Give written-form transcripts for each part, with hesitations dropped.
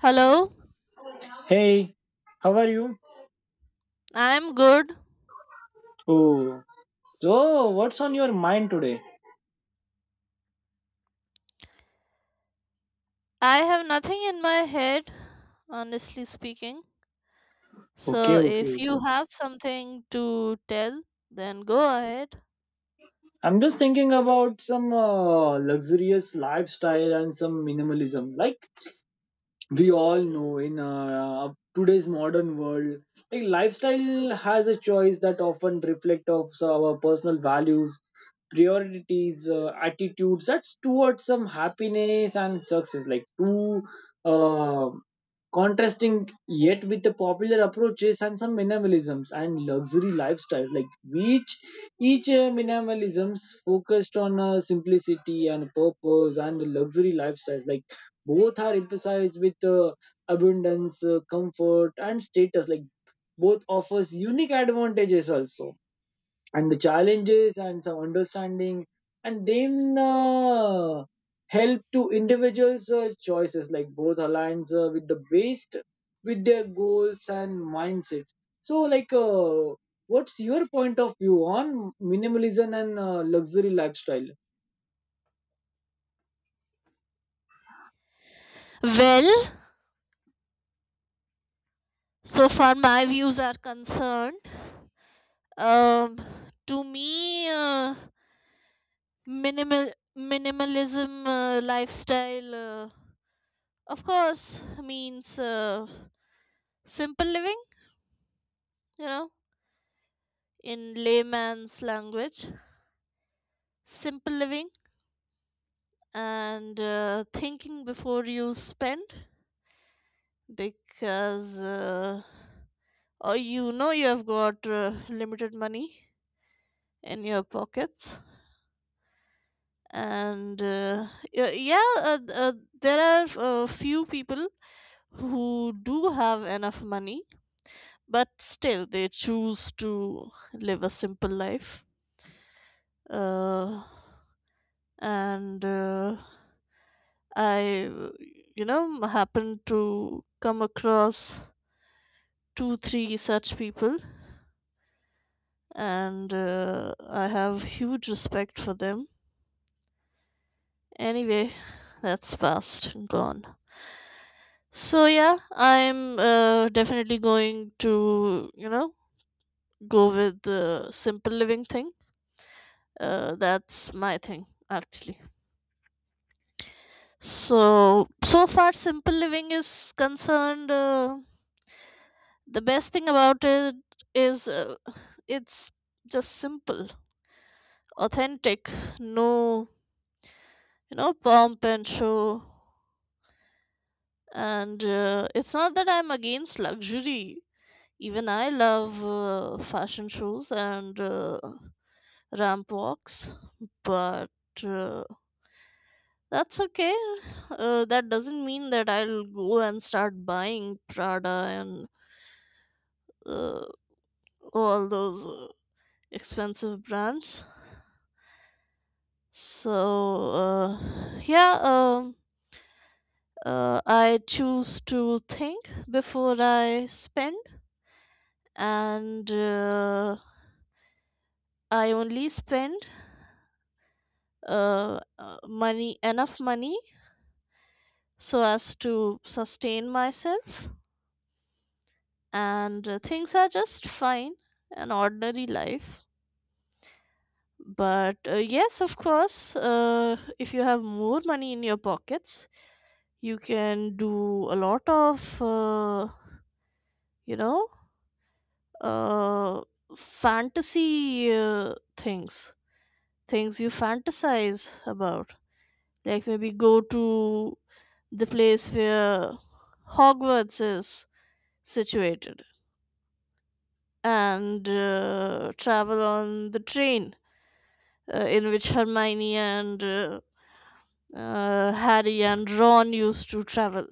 Hello, Hey, how are you? I'm good. Oh, so what's on your mind today? I have nothing in my head, honestly speaking. So Okay, if okay. you have something to tell, then go ahead. I'm just thinking about some luxurious lifestyle and some minimalism. Like we all know in today's modern world, like lifestyle has a choice that often reflect of our personal values, priorities, attitudes. That's towards some happiness and success. Like to uh, contrasting yet with the popular approaches and some minimalisms and luxury lifestyle like which each minimalisms focused on simplicity and purpose, and the luxury lifestyle like both are emphasized with abundance, comfort and status, like both offers unique advantages also, and the challenges and some understanding. And then help to individuals choices, like both aligns with the best with their goals and mindset. So like what's your point of view on minimalism and luxury lifestyle? Well, so far my views are concerned, um, to me, minimal minimalism lifestyle, of course, means simple living. You know, in layman's language, simple living and thinking before you spend because or you know you have got limited money in your pockets and yeah, there are few people who do have enough money, but still they choose to live a simple life, uh, and I you know happened to come across two or three such people, and I have huge respect for them. Anyway, that's past and gone. So yeah, I'm definitely going to, you know, go with the simple living thing. That's my thing, actually. So so far simple living is concerned, the best thing about it is, it's just simple, authentic. No, you know, pomp and show. And it's not that I'm against luxury. Even I love fashion shows and ramp walks, but that's okay. That doesn't mean that I'll go and start buying Prada and uh, all those expensive brands. So uh, yeah um, I choose to think before I spend, and I only spend money enough money so as to sustain myself, and things are just fine, an ordinary life. But yes, of course, if you have more money in your pockets, you can do a lot of you know uh, fantasy things, things you fantasize about, like maybe go to the place where Hogwarts is situated, and travel on the train in which Hermione and Harry and Ron used to travel.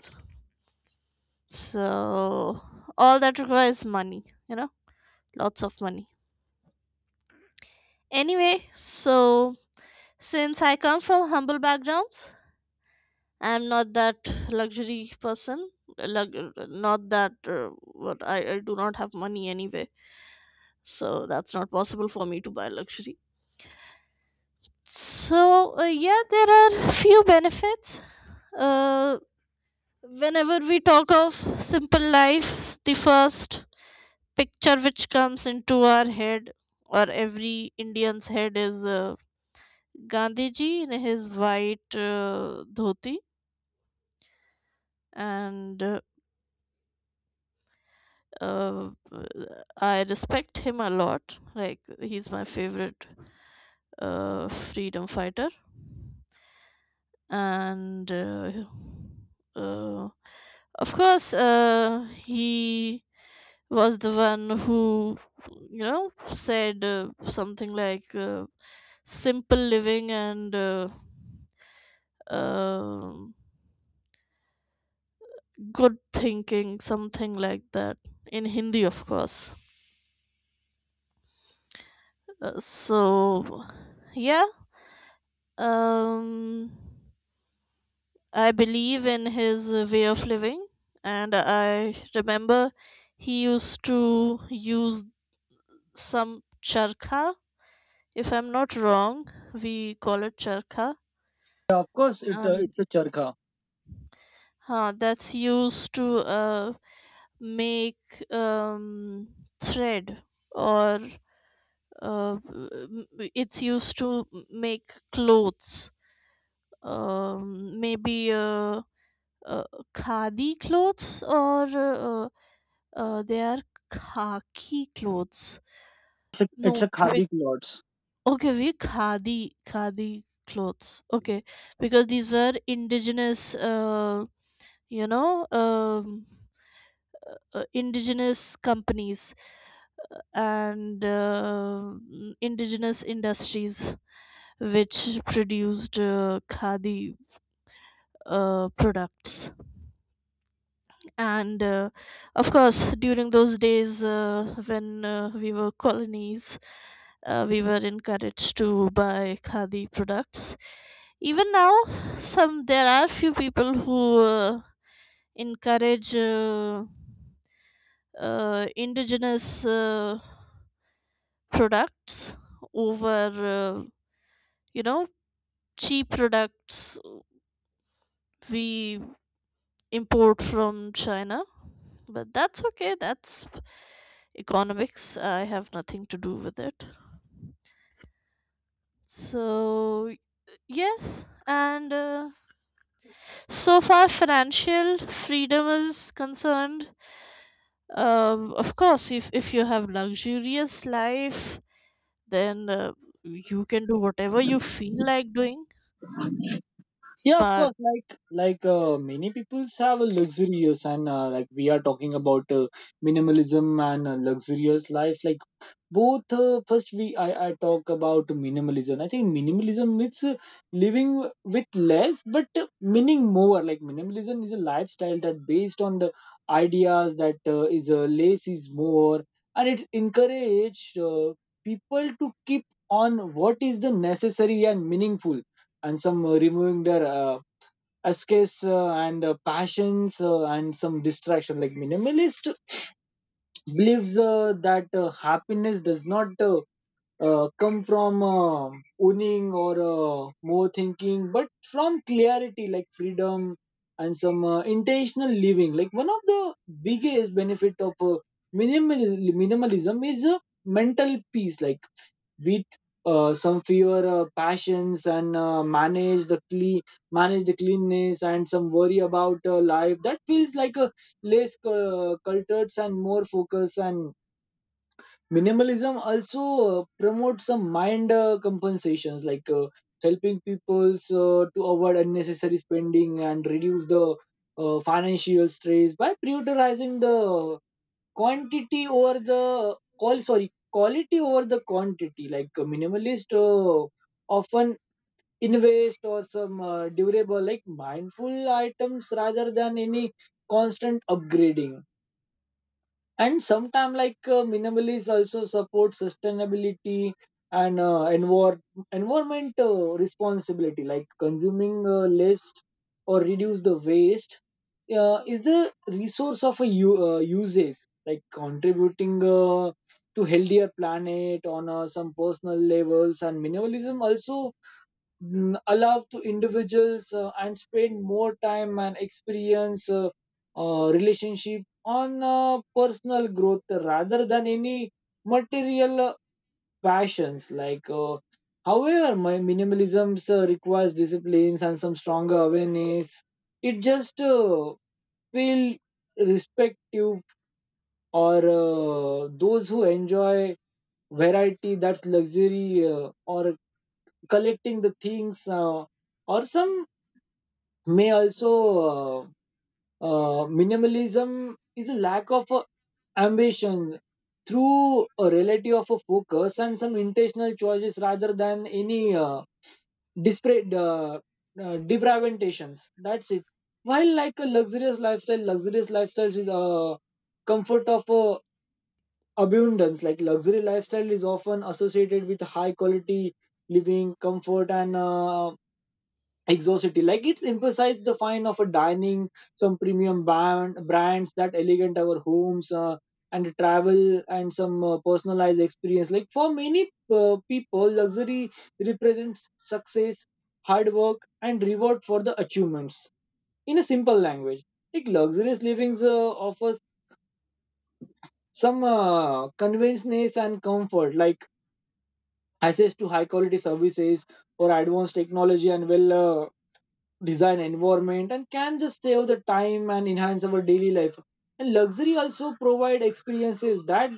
So, all that requires money, you know, lots of money. Anyway, so since I come from humble backgrounds, I'm not that luxury person. Not that I do not have money anyway, so that's not possible for me to buy luxury. So yeah, there are few benefits. uh, Whenever we talk of simple life, the first picture which comes into our head or every Indian's head is, Gandhi ji in his white dhoti. And uh, uh, i respect him a lot. Like, he's my favorite freedom fighter. And uh, of course, he was the one who, you know, said something like, simple living and um good thinking, something like that, in Hindi, of course. So yeah, um I believe in his way of living. And I remember he used to use some charkha. If I'm not wrong, we call it charkha, Yeah, of course and it's a charkha. That's used to make um, thread, or uh, m- m- it's used to make clothes. Maybe uh, khadi clothes, or they are khaki clothes. It's it's No. a khadi clothes. Okay, we khadi clothes. Okay, because these were indigenous, you know, indigenous companies and indigenous industries which produced khadi products. And of course during those days, when we were colonies, we were encouraged to buy khadi products. Even now, some there are few people who encourage indigenous products over you know cheap products we import from China. But that's okay, that's economics, I have nothing to do with it. So yes, and so far financial freedom is concerned, of course if you have luxurious life, then you can do whatever you feel like doing. Yeah, of But course, like many peoples have a luxurious, and like we are talking about minimalism and a luxurious life. Like both first I talk about minimalism. I think minimalism means living with less but meaning more. Like minimalism is a lifestyle that based on the ideas that is less is more, and it encourage people to keep on what is the necessary and meaningful, and some removing their escapes and passions and some distraction. Like minimalist believes that happiness does not come from owning or more thinking, but from clarity, like freedom and some intentional living. Like one of the biggest benefit of minimalism is mental peace. Like with some fewer passions and manage the cleanness and some worry about life that feels like a less cultured and more focus. And minimalism also promotes some mind compensations, like helping people to avoid unnecessary spending and reduce the financial stress by prioritizing the quantity over the call sorry quality over the quantity. Like a minimalist often invest or some durable like mindful items rather than any constant upgrading. And sometimes, like minimalists also support sustainability and environment responsibility, like consuming less or reduce the waste is the resource of a uses, like contributing to healthier planet on some personal levels. And minimalism also allowed to individuals and spend more time and experience relationship on personal growth rather than any material passions like however my minimalism requires disciplines and some stronger awareness. It just feel respective or those who enjoy variety, that's luxury or collecting the things or some may also uh, minimalism is a lack of ambition through a relative of a focus and some intentional choices rather than any disparate deprivations. That's it. While like a luxurious lifestyle, luxurious lifestyles is comfort of abundance. Like luxury lifestyle is often associated with high quality living comfort and Exosity, like it's emphasized the fine of a dining, some brands that elegant our homes and travel and some personalized experience. Like for many people, luxury represents success, hard work, and reward for the achievements. In a simple language, like luxurious living offers some convenience and comfort, like access to high quality services or advanced technology and well design environment, and can just save the time and enhance our daily life. And luxury also provide experiences that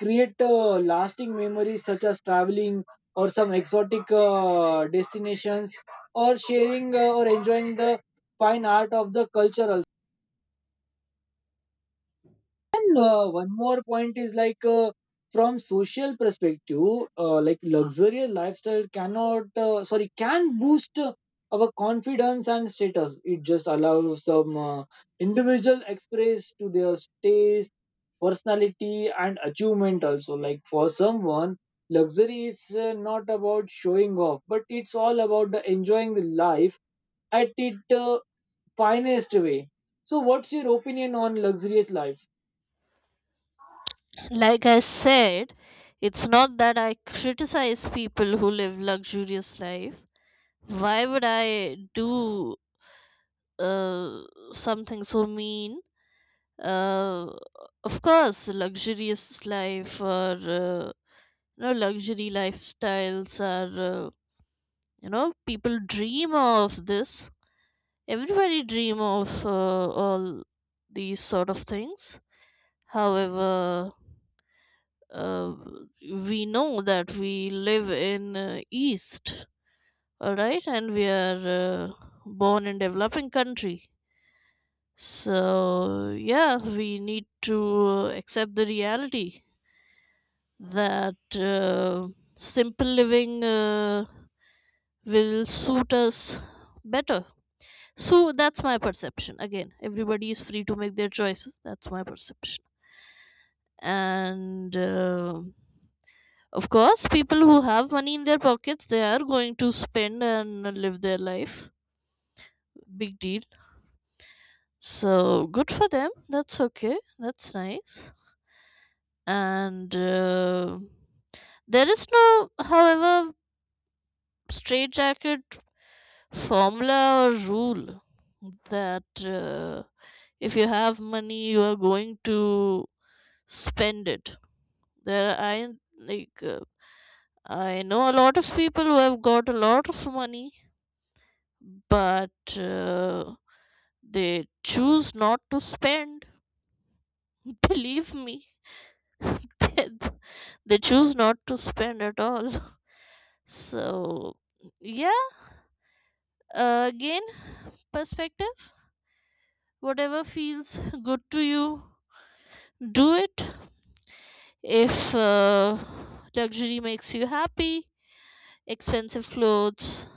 create lasting memories such as traveling or some exotic destinations or sharing or enjoying the fine art of the culture also. And one more point is like from social perspective, like luxurious lifestyle cannot sorry can boost our confidence and status. It just allows some individual express to their taste, personality, and achievement. Also, like for someone, luxury is not about showing off, but it's all about the enjoying the life at its finest way. So, what's your opinion on luxurious life? like I said, it's not that I criticize people who live luxurious life. Why would I do uh, something so mean? uh, of course, luxurious life or you know luxury lifestyles are, you know, people dream of this, everybody dream of all these sort of things. However, uh, we know that we live in east, all right, and we are born in developing country. So yeah, we need to accept the reality that simple living will suit us better. So that's my perception. Again, everybody is free to make their choices. That's my perception. And of course, people who have money in their pockets, they are going to spend and live their life. Big deal. So good for them. That's okay. That's nice. And there is no, however, straitjacket formula or rule that if you have money you are going to spend it. There I Like I know a lot of people who have got a lot of money, but they choose not to spend. Believe me, they, they choose not to spend at all. So yeah, again, perspective. Whatever feels good to you, do it. If luxury makes you happy, expensive clothes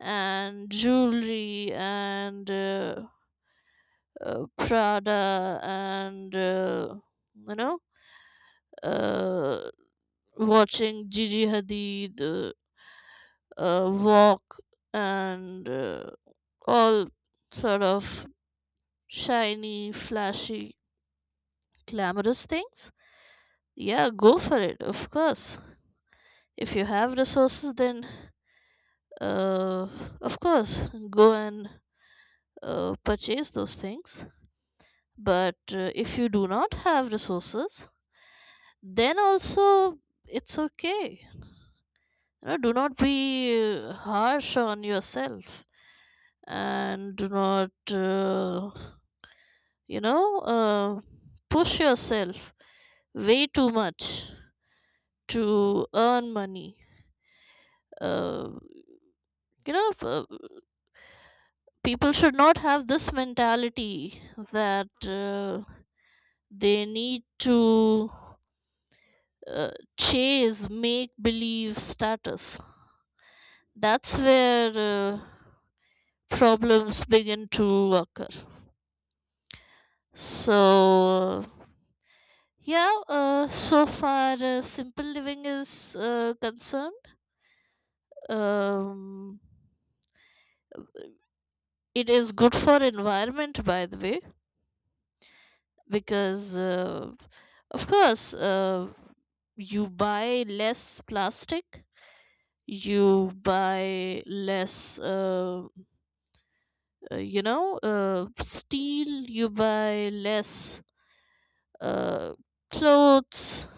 and jewelry and Prada and you know uh, watching Gigi Hadid walk, and all sort of shiny, flashy, glamorous things. Yeah, go for it, of course. If you have resources, then uh, of course, go and purchase those things. But if you do not have resources, then also it's okay. You know, do not be harsh on yourself, and do not, you know, uh, push yourself way too much to earn money. Uh, you know, uh, People should not have this mentality that. They need to uh, chase make believe status. That's where problems begin to occur. So, yeah, so far, simple living is concerned. Um, it is good for environment, by the way, because of course you buy less plastic, you buy less uh, you know uh, steel, you buy less uh, clothes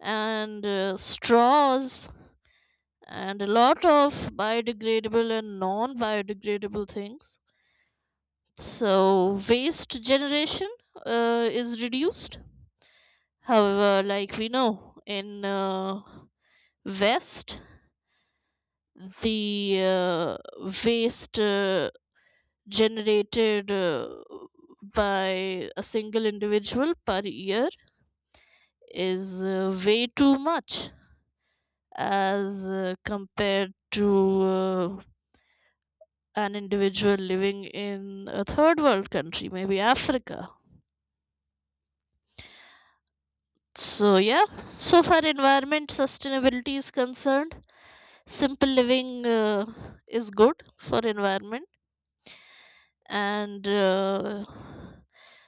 and straws and a lot of biodegradable and non biodegradable things. So waste generation is reduced. However, like we know, in west, the waste generated by a single individual per year is way too much as compared to an individual living in a third world country, maybe Africa. So, yeah, so far, environment sustainability is concerned, simple living is good for environment. And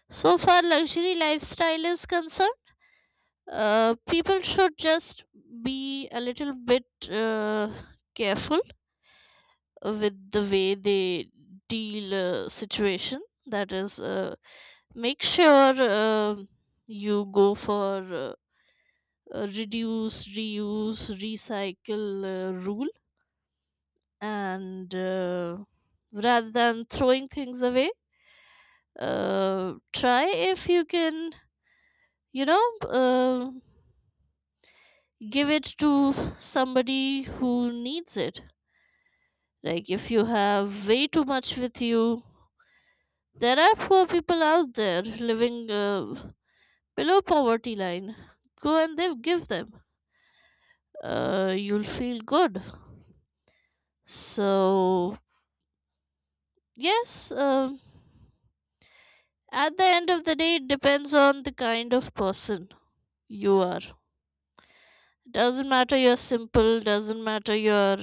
so far luxury lifestyle is concerned, people should just be a little bit uh, careful with the way they deal situation. That is, make sure you go for reduce reuse recycle rule, and rather than throwing things away, try, if you can, you know, give it to somebody who needs it. Like if you have way too much with you, there are poor people out there living below poverty line. Go and they give them. You'll feel good. So yes, at the end of the day, it depends on the kind of person you are. Doesn't matter you're simple. Doesn't matter you're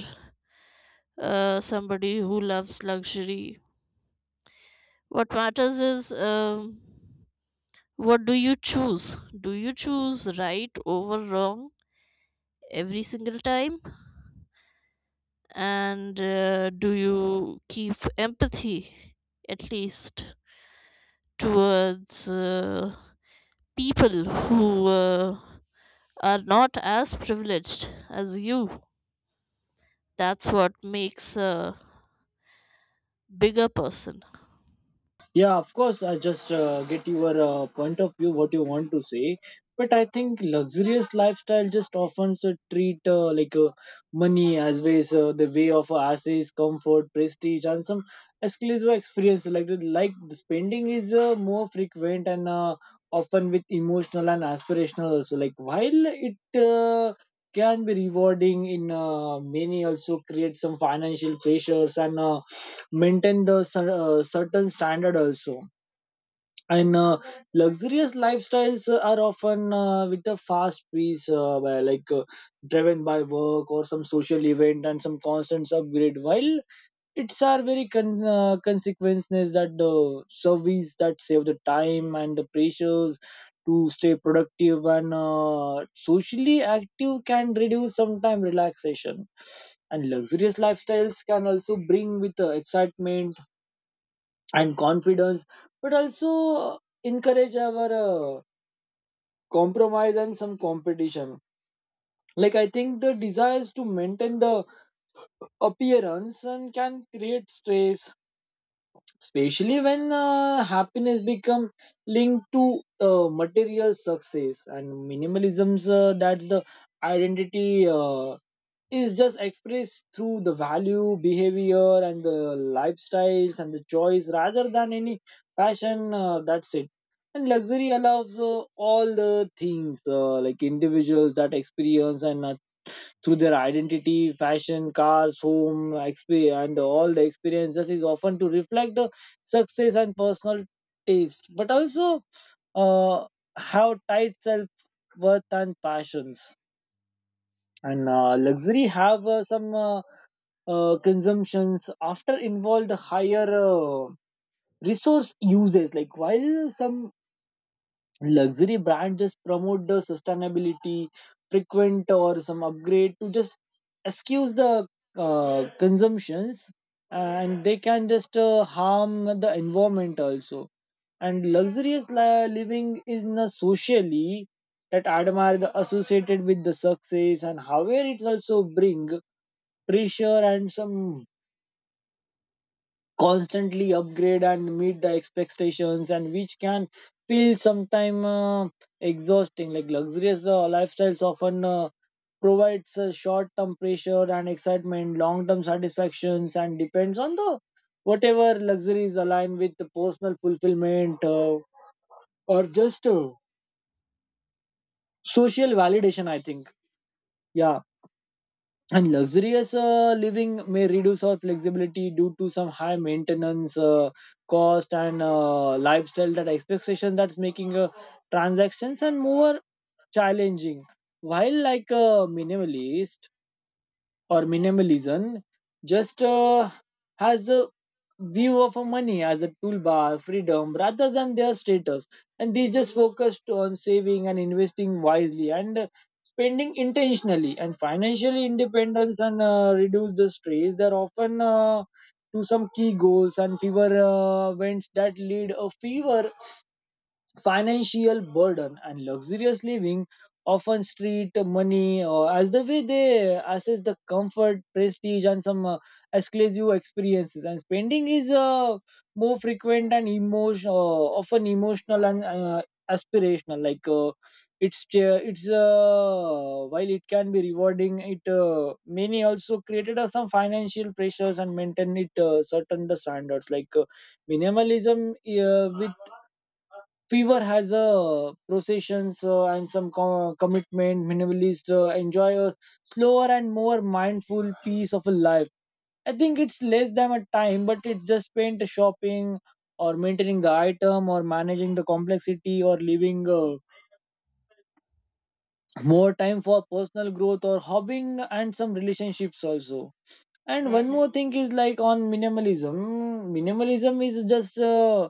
somebody who loves luxury. What matters is, what do you choose? Do you choose right over wrong every single time? And do you keep empathy, at least, towards people who are not as privileged as you? That's what makes a bigger person. Yeah, of course. I just get your point of view, what you want to say. But I think luxurious lifestyle just often so treat like money as ways the way of assets, comfort, prestige, and some exclusive experience. Like like the spending is more frequent and often with emotional and aspirational also. Like while it uh, can be rewarding in many, also create some financial pressures. And maintain the certain standard also. And luxurious lifestyles are often with a fast pace like driven by work or some social event and some constant upgrade, while it's are very consequences that the service that save the time and the pressures to stay productive and socially active can reduce sometime relaxation. And luxurious lifestyles can also bring with excitement and confidence, but also encourage our compromise and some competition. Like I think the desires to maintain the appearance, and can create stress, especially when happiness become linked to material success. And minimalism's that's the identity is just expressed through the value, behavior, and the lifestyles and the choice rather than any passion. That's it. And luxury allows all the things like individuals that experience and through their identity, fashion, cars, home, experience, and all the experiences is often to reflect the success and personal taste, but also uh, have tight self worth and passions. And luxury have some. Consumptions after involved higher resource uses, like while some luxury brands just promote the sustainability frequent or some upgrade to just excuse the consumptions, and they can just harm the environment also. And living is not socially that admire the associated with the success, and however it also bring pressure and some constantly upgrade and meet the expectations, and which can feel sometime exhausting. Like luxurious lifestyles often provides short-term pressure and excitement, long-term satisfactions, and depends on the whatever luxury is aligned with the personal fulfillment or just social validation, I think. Yeah. And luxurious living may reduce our flexibility due to some high maintenance cost and lifestyle that expectation, that's making transactions and more challenging. While like a minimalist or minimalism just has a view of a money as a toolbar freedom rather than their status, and they just focused on saving and investing wisely and spending intentionally and financial independence, and reduce the stress, they're often to some key goals and fever events that lead a fever financial burden. And luxurious living often treat money as the way they assess the comfort, prestige and some exclusive experiences, and spending is more frequent and emotion often emotional and aspirational. Like it's while it can be rewarding, it many also created some financial pressures, and maintain it certain the standards. Like minimalism with fever has a processions and some commitment. Minimalist enjoy a slower and more mindful piece of a life. I think it's less than a time, but it's just spent shopping or maintaining the item or managing the complexity, or leaving more time for personal growth or hobbying and some relationships also. And one Mhm. more thing is like on minimalism, minimalism is just uh,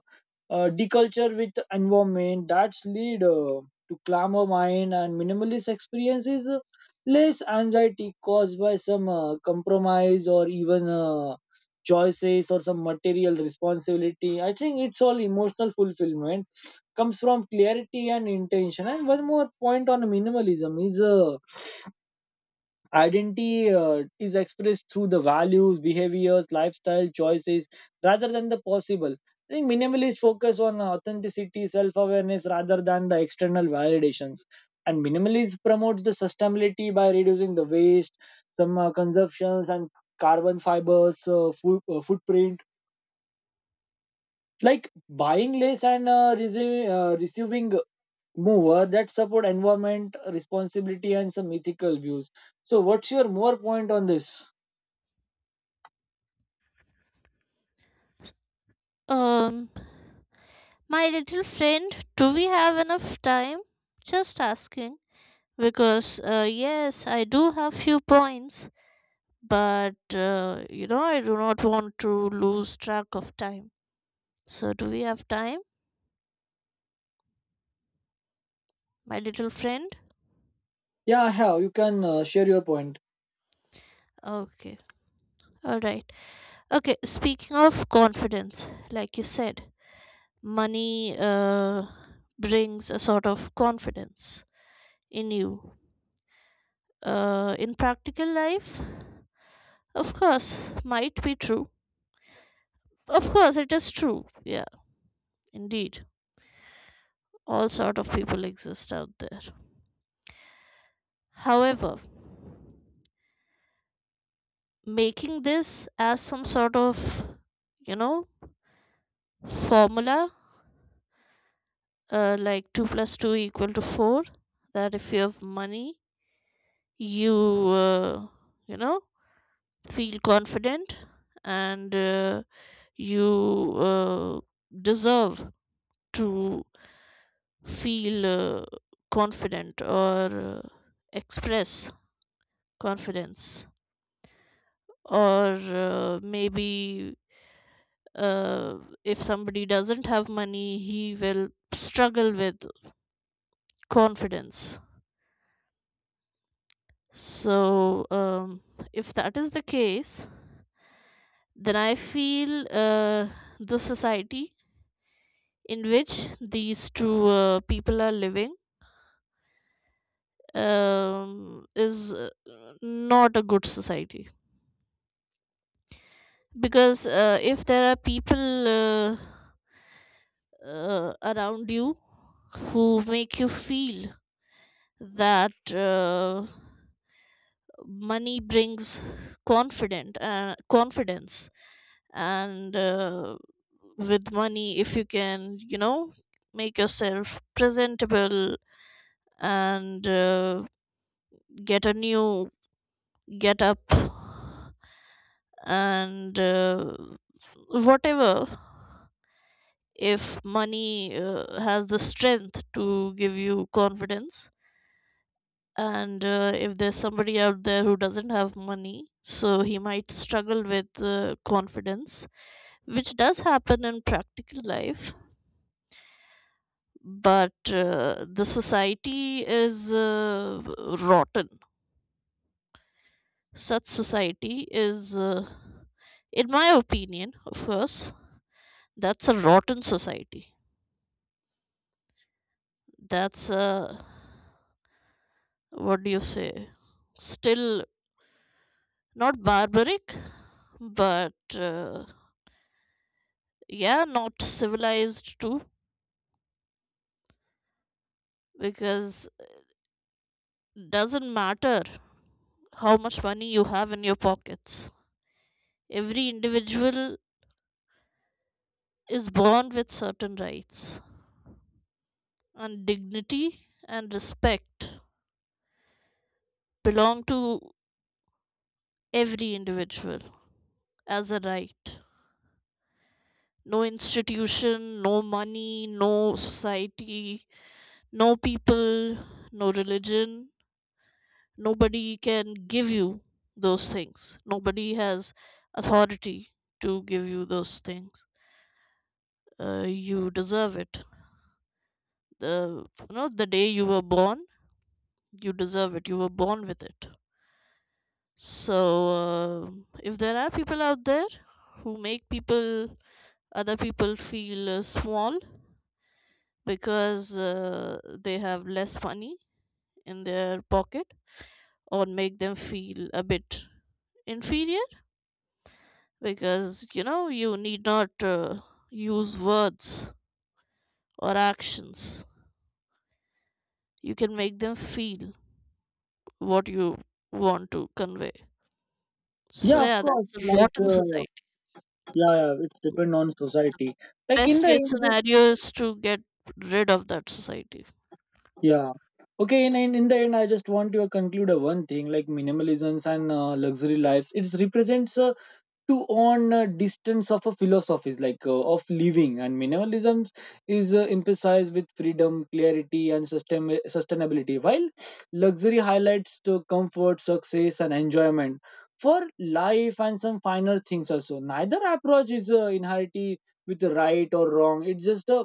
uh, deculture with environment that's lead to calmer mind. And minimalist experiences less anxiety caused by some compromise or even choices or some material responsibility. I think it's all emotional fulfillment comes from clarity and intention. And one more point on minimalism is Identity is expressed through the values, behaviors, lifestyle choices rather than the possible. I think minimalists focus on authenticity, self awareness rather than the external validations. And minimalism promotes the sustainability by reducing the waste, some consumptions, and carbon fibers, food, footprint. Like buying less and receiving more, that support environment, responsibility, and some ethical views. So, what's your more point on this? um my little friend, do we have enough time? Just asking, because yes, I do have few points, but you know, I do not want to lose track of time. So do we have time, my little friend? Yeah, I have. You can share your point. Okay. All right. Okay. Speaking of confidence, like you said, money brings a sort of confidence in you. In practical life, of course, might be true. Of course, it is true. Yeah, indeed. All sort of people exist out there. However, making this as some sort of, you know, formula, like 2 plus 2 equal to 4, that if you have money, you, uh, you know, feel confident, and you uh, deserve to feel confident, or express confidence, or maybe uh, if somebody doesn't have money, he will struggle with confidence. So, if that is the case, then I feel the society in which these two people are living, is not a good society. Because if there are people uh, around you who make you feel that, money brings confident confidence, and with money if you can, you know, make yourself presentable, and get a new get up and whatever, if money has the strength to give you confidence, and if there's somebody out there who doesn't have money, so he might struggle with confidence, which does happen in practical life, but the society is rotten. Such society is, in my opinion, of course, that's a rotten society. That's a, what do you say, still not barbaric, but yeah, not civilized too, because doesn't matter how much money you have in your pockets. Every individual is born with certain rights and dignity and respect. Belong to every individual as a right. No institution, no money, no society, no people, no religion. Nobody can give you those things. Nobody has authority to give you those things. You deserve it. The You know the day you were born, you deserve it. You were born with it. So, if there are people out there who make other people feel small because they have less money in their pocket, or make them feel a bit inferior, because you know you need not use words or actions, you can make them feel what you want to convey. So Yeah, of yeah, course. that's a Like, rotten society. yeah, yeah, it's depend on society. Like in Best the case end, the- scenario is to get rid of that society. yeah. Okay, in, in the end, I just want to conclude a one thing, like minimalisms and luxury lives. It represents a to own a distance of a philosophies like of living. And minimalism is emphasized with freedom clarity and sustainability, while luxury highlights to comfort success and enjoyment for life and some finer things also. Neither approach is inherently with right or wrong. It's just a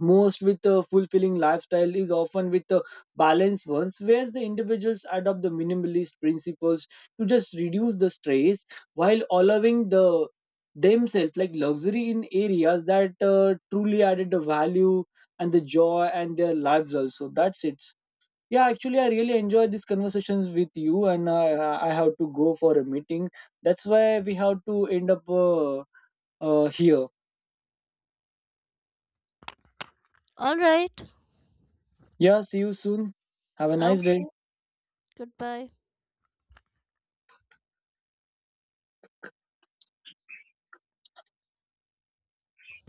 most with a fulfilling lifestyle is often with the balanced ones, where the individuals adopt the minimalist principles to just reduce the stress, while allowing the themselves like luxury in areas that truly added the value and the joy and their lives also. That's it. Yeah, actually I really enjoy these conversations with you, and I have to go for a meeting. That's why we have to end up here. All right. Yeah, see you soon. Have a nice day. Okay. Goodbye.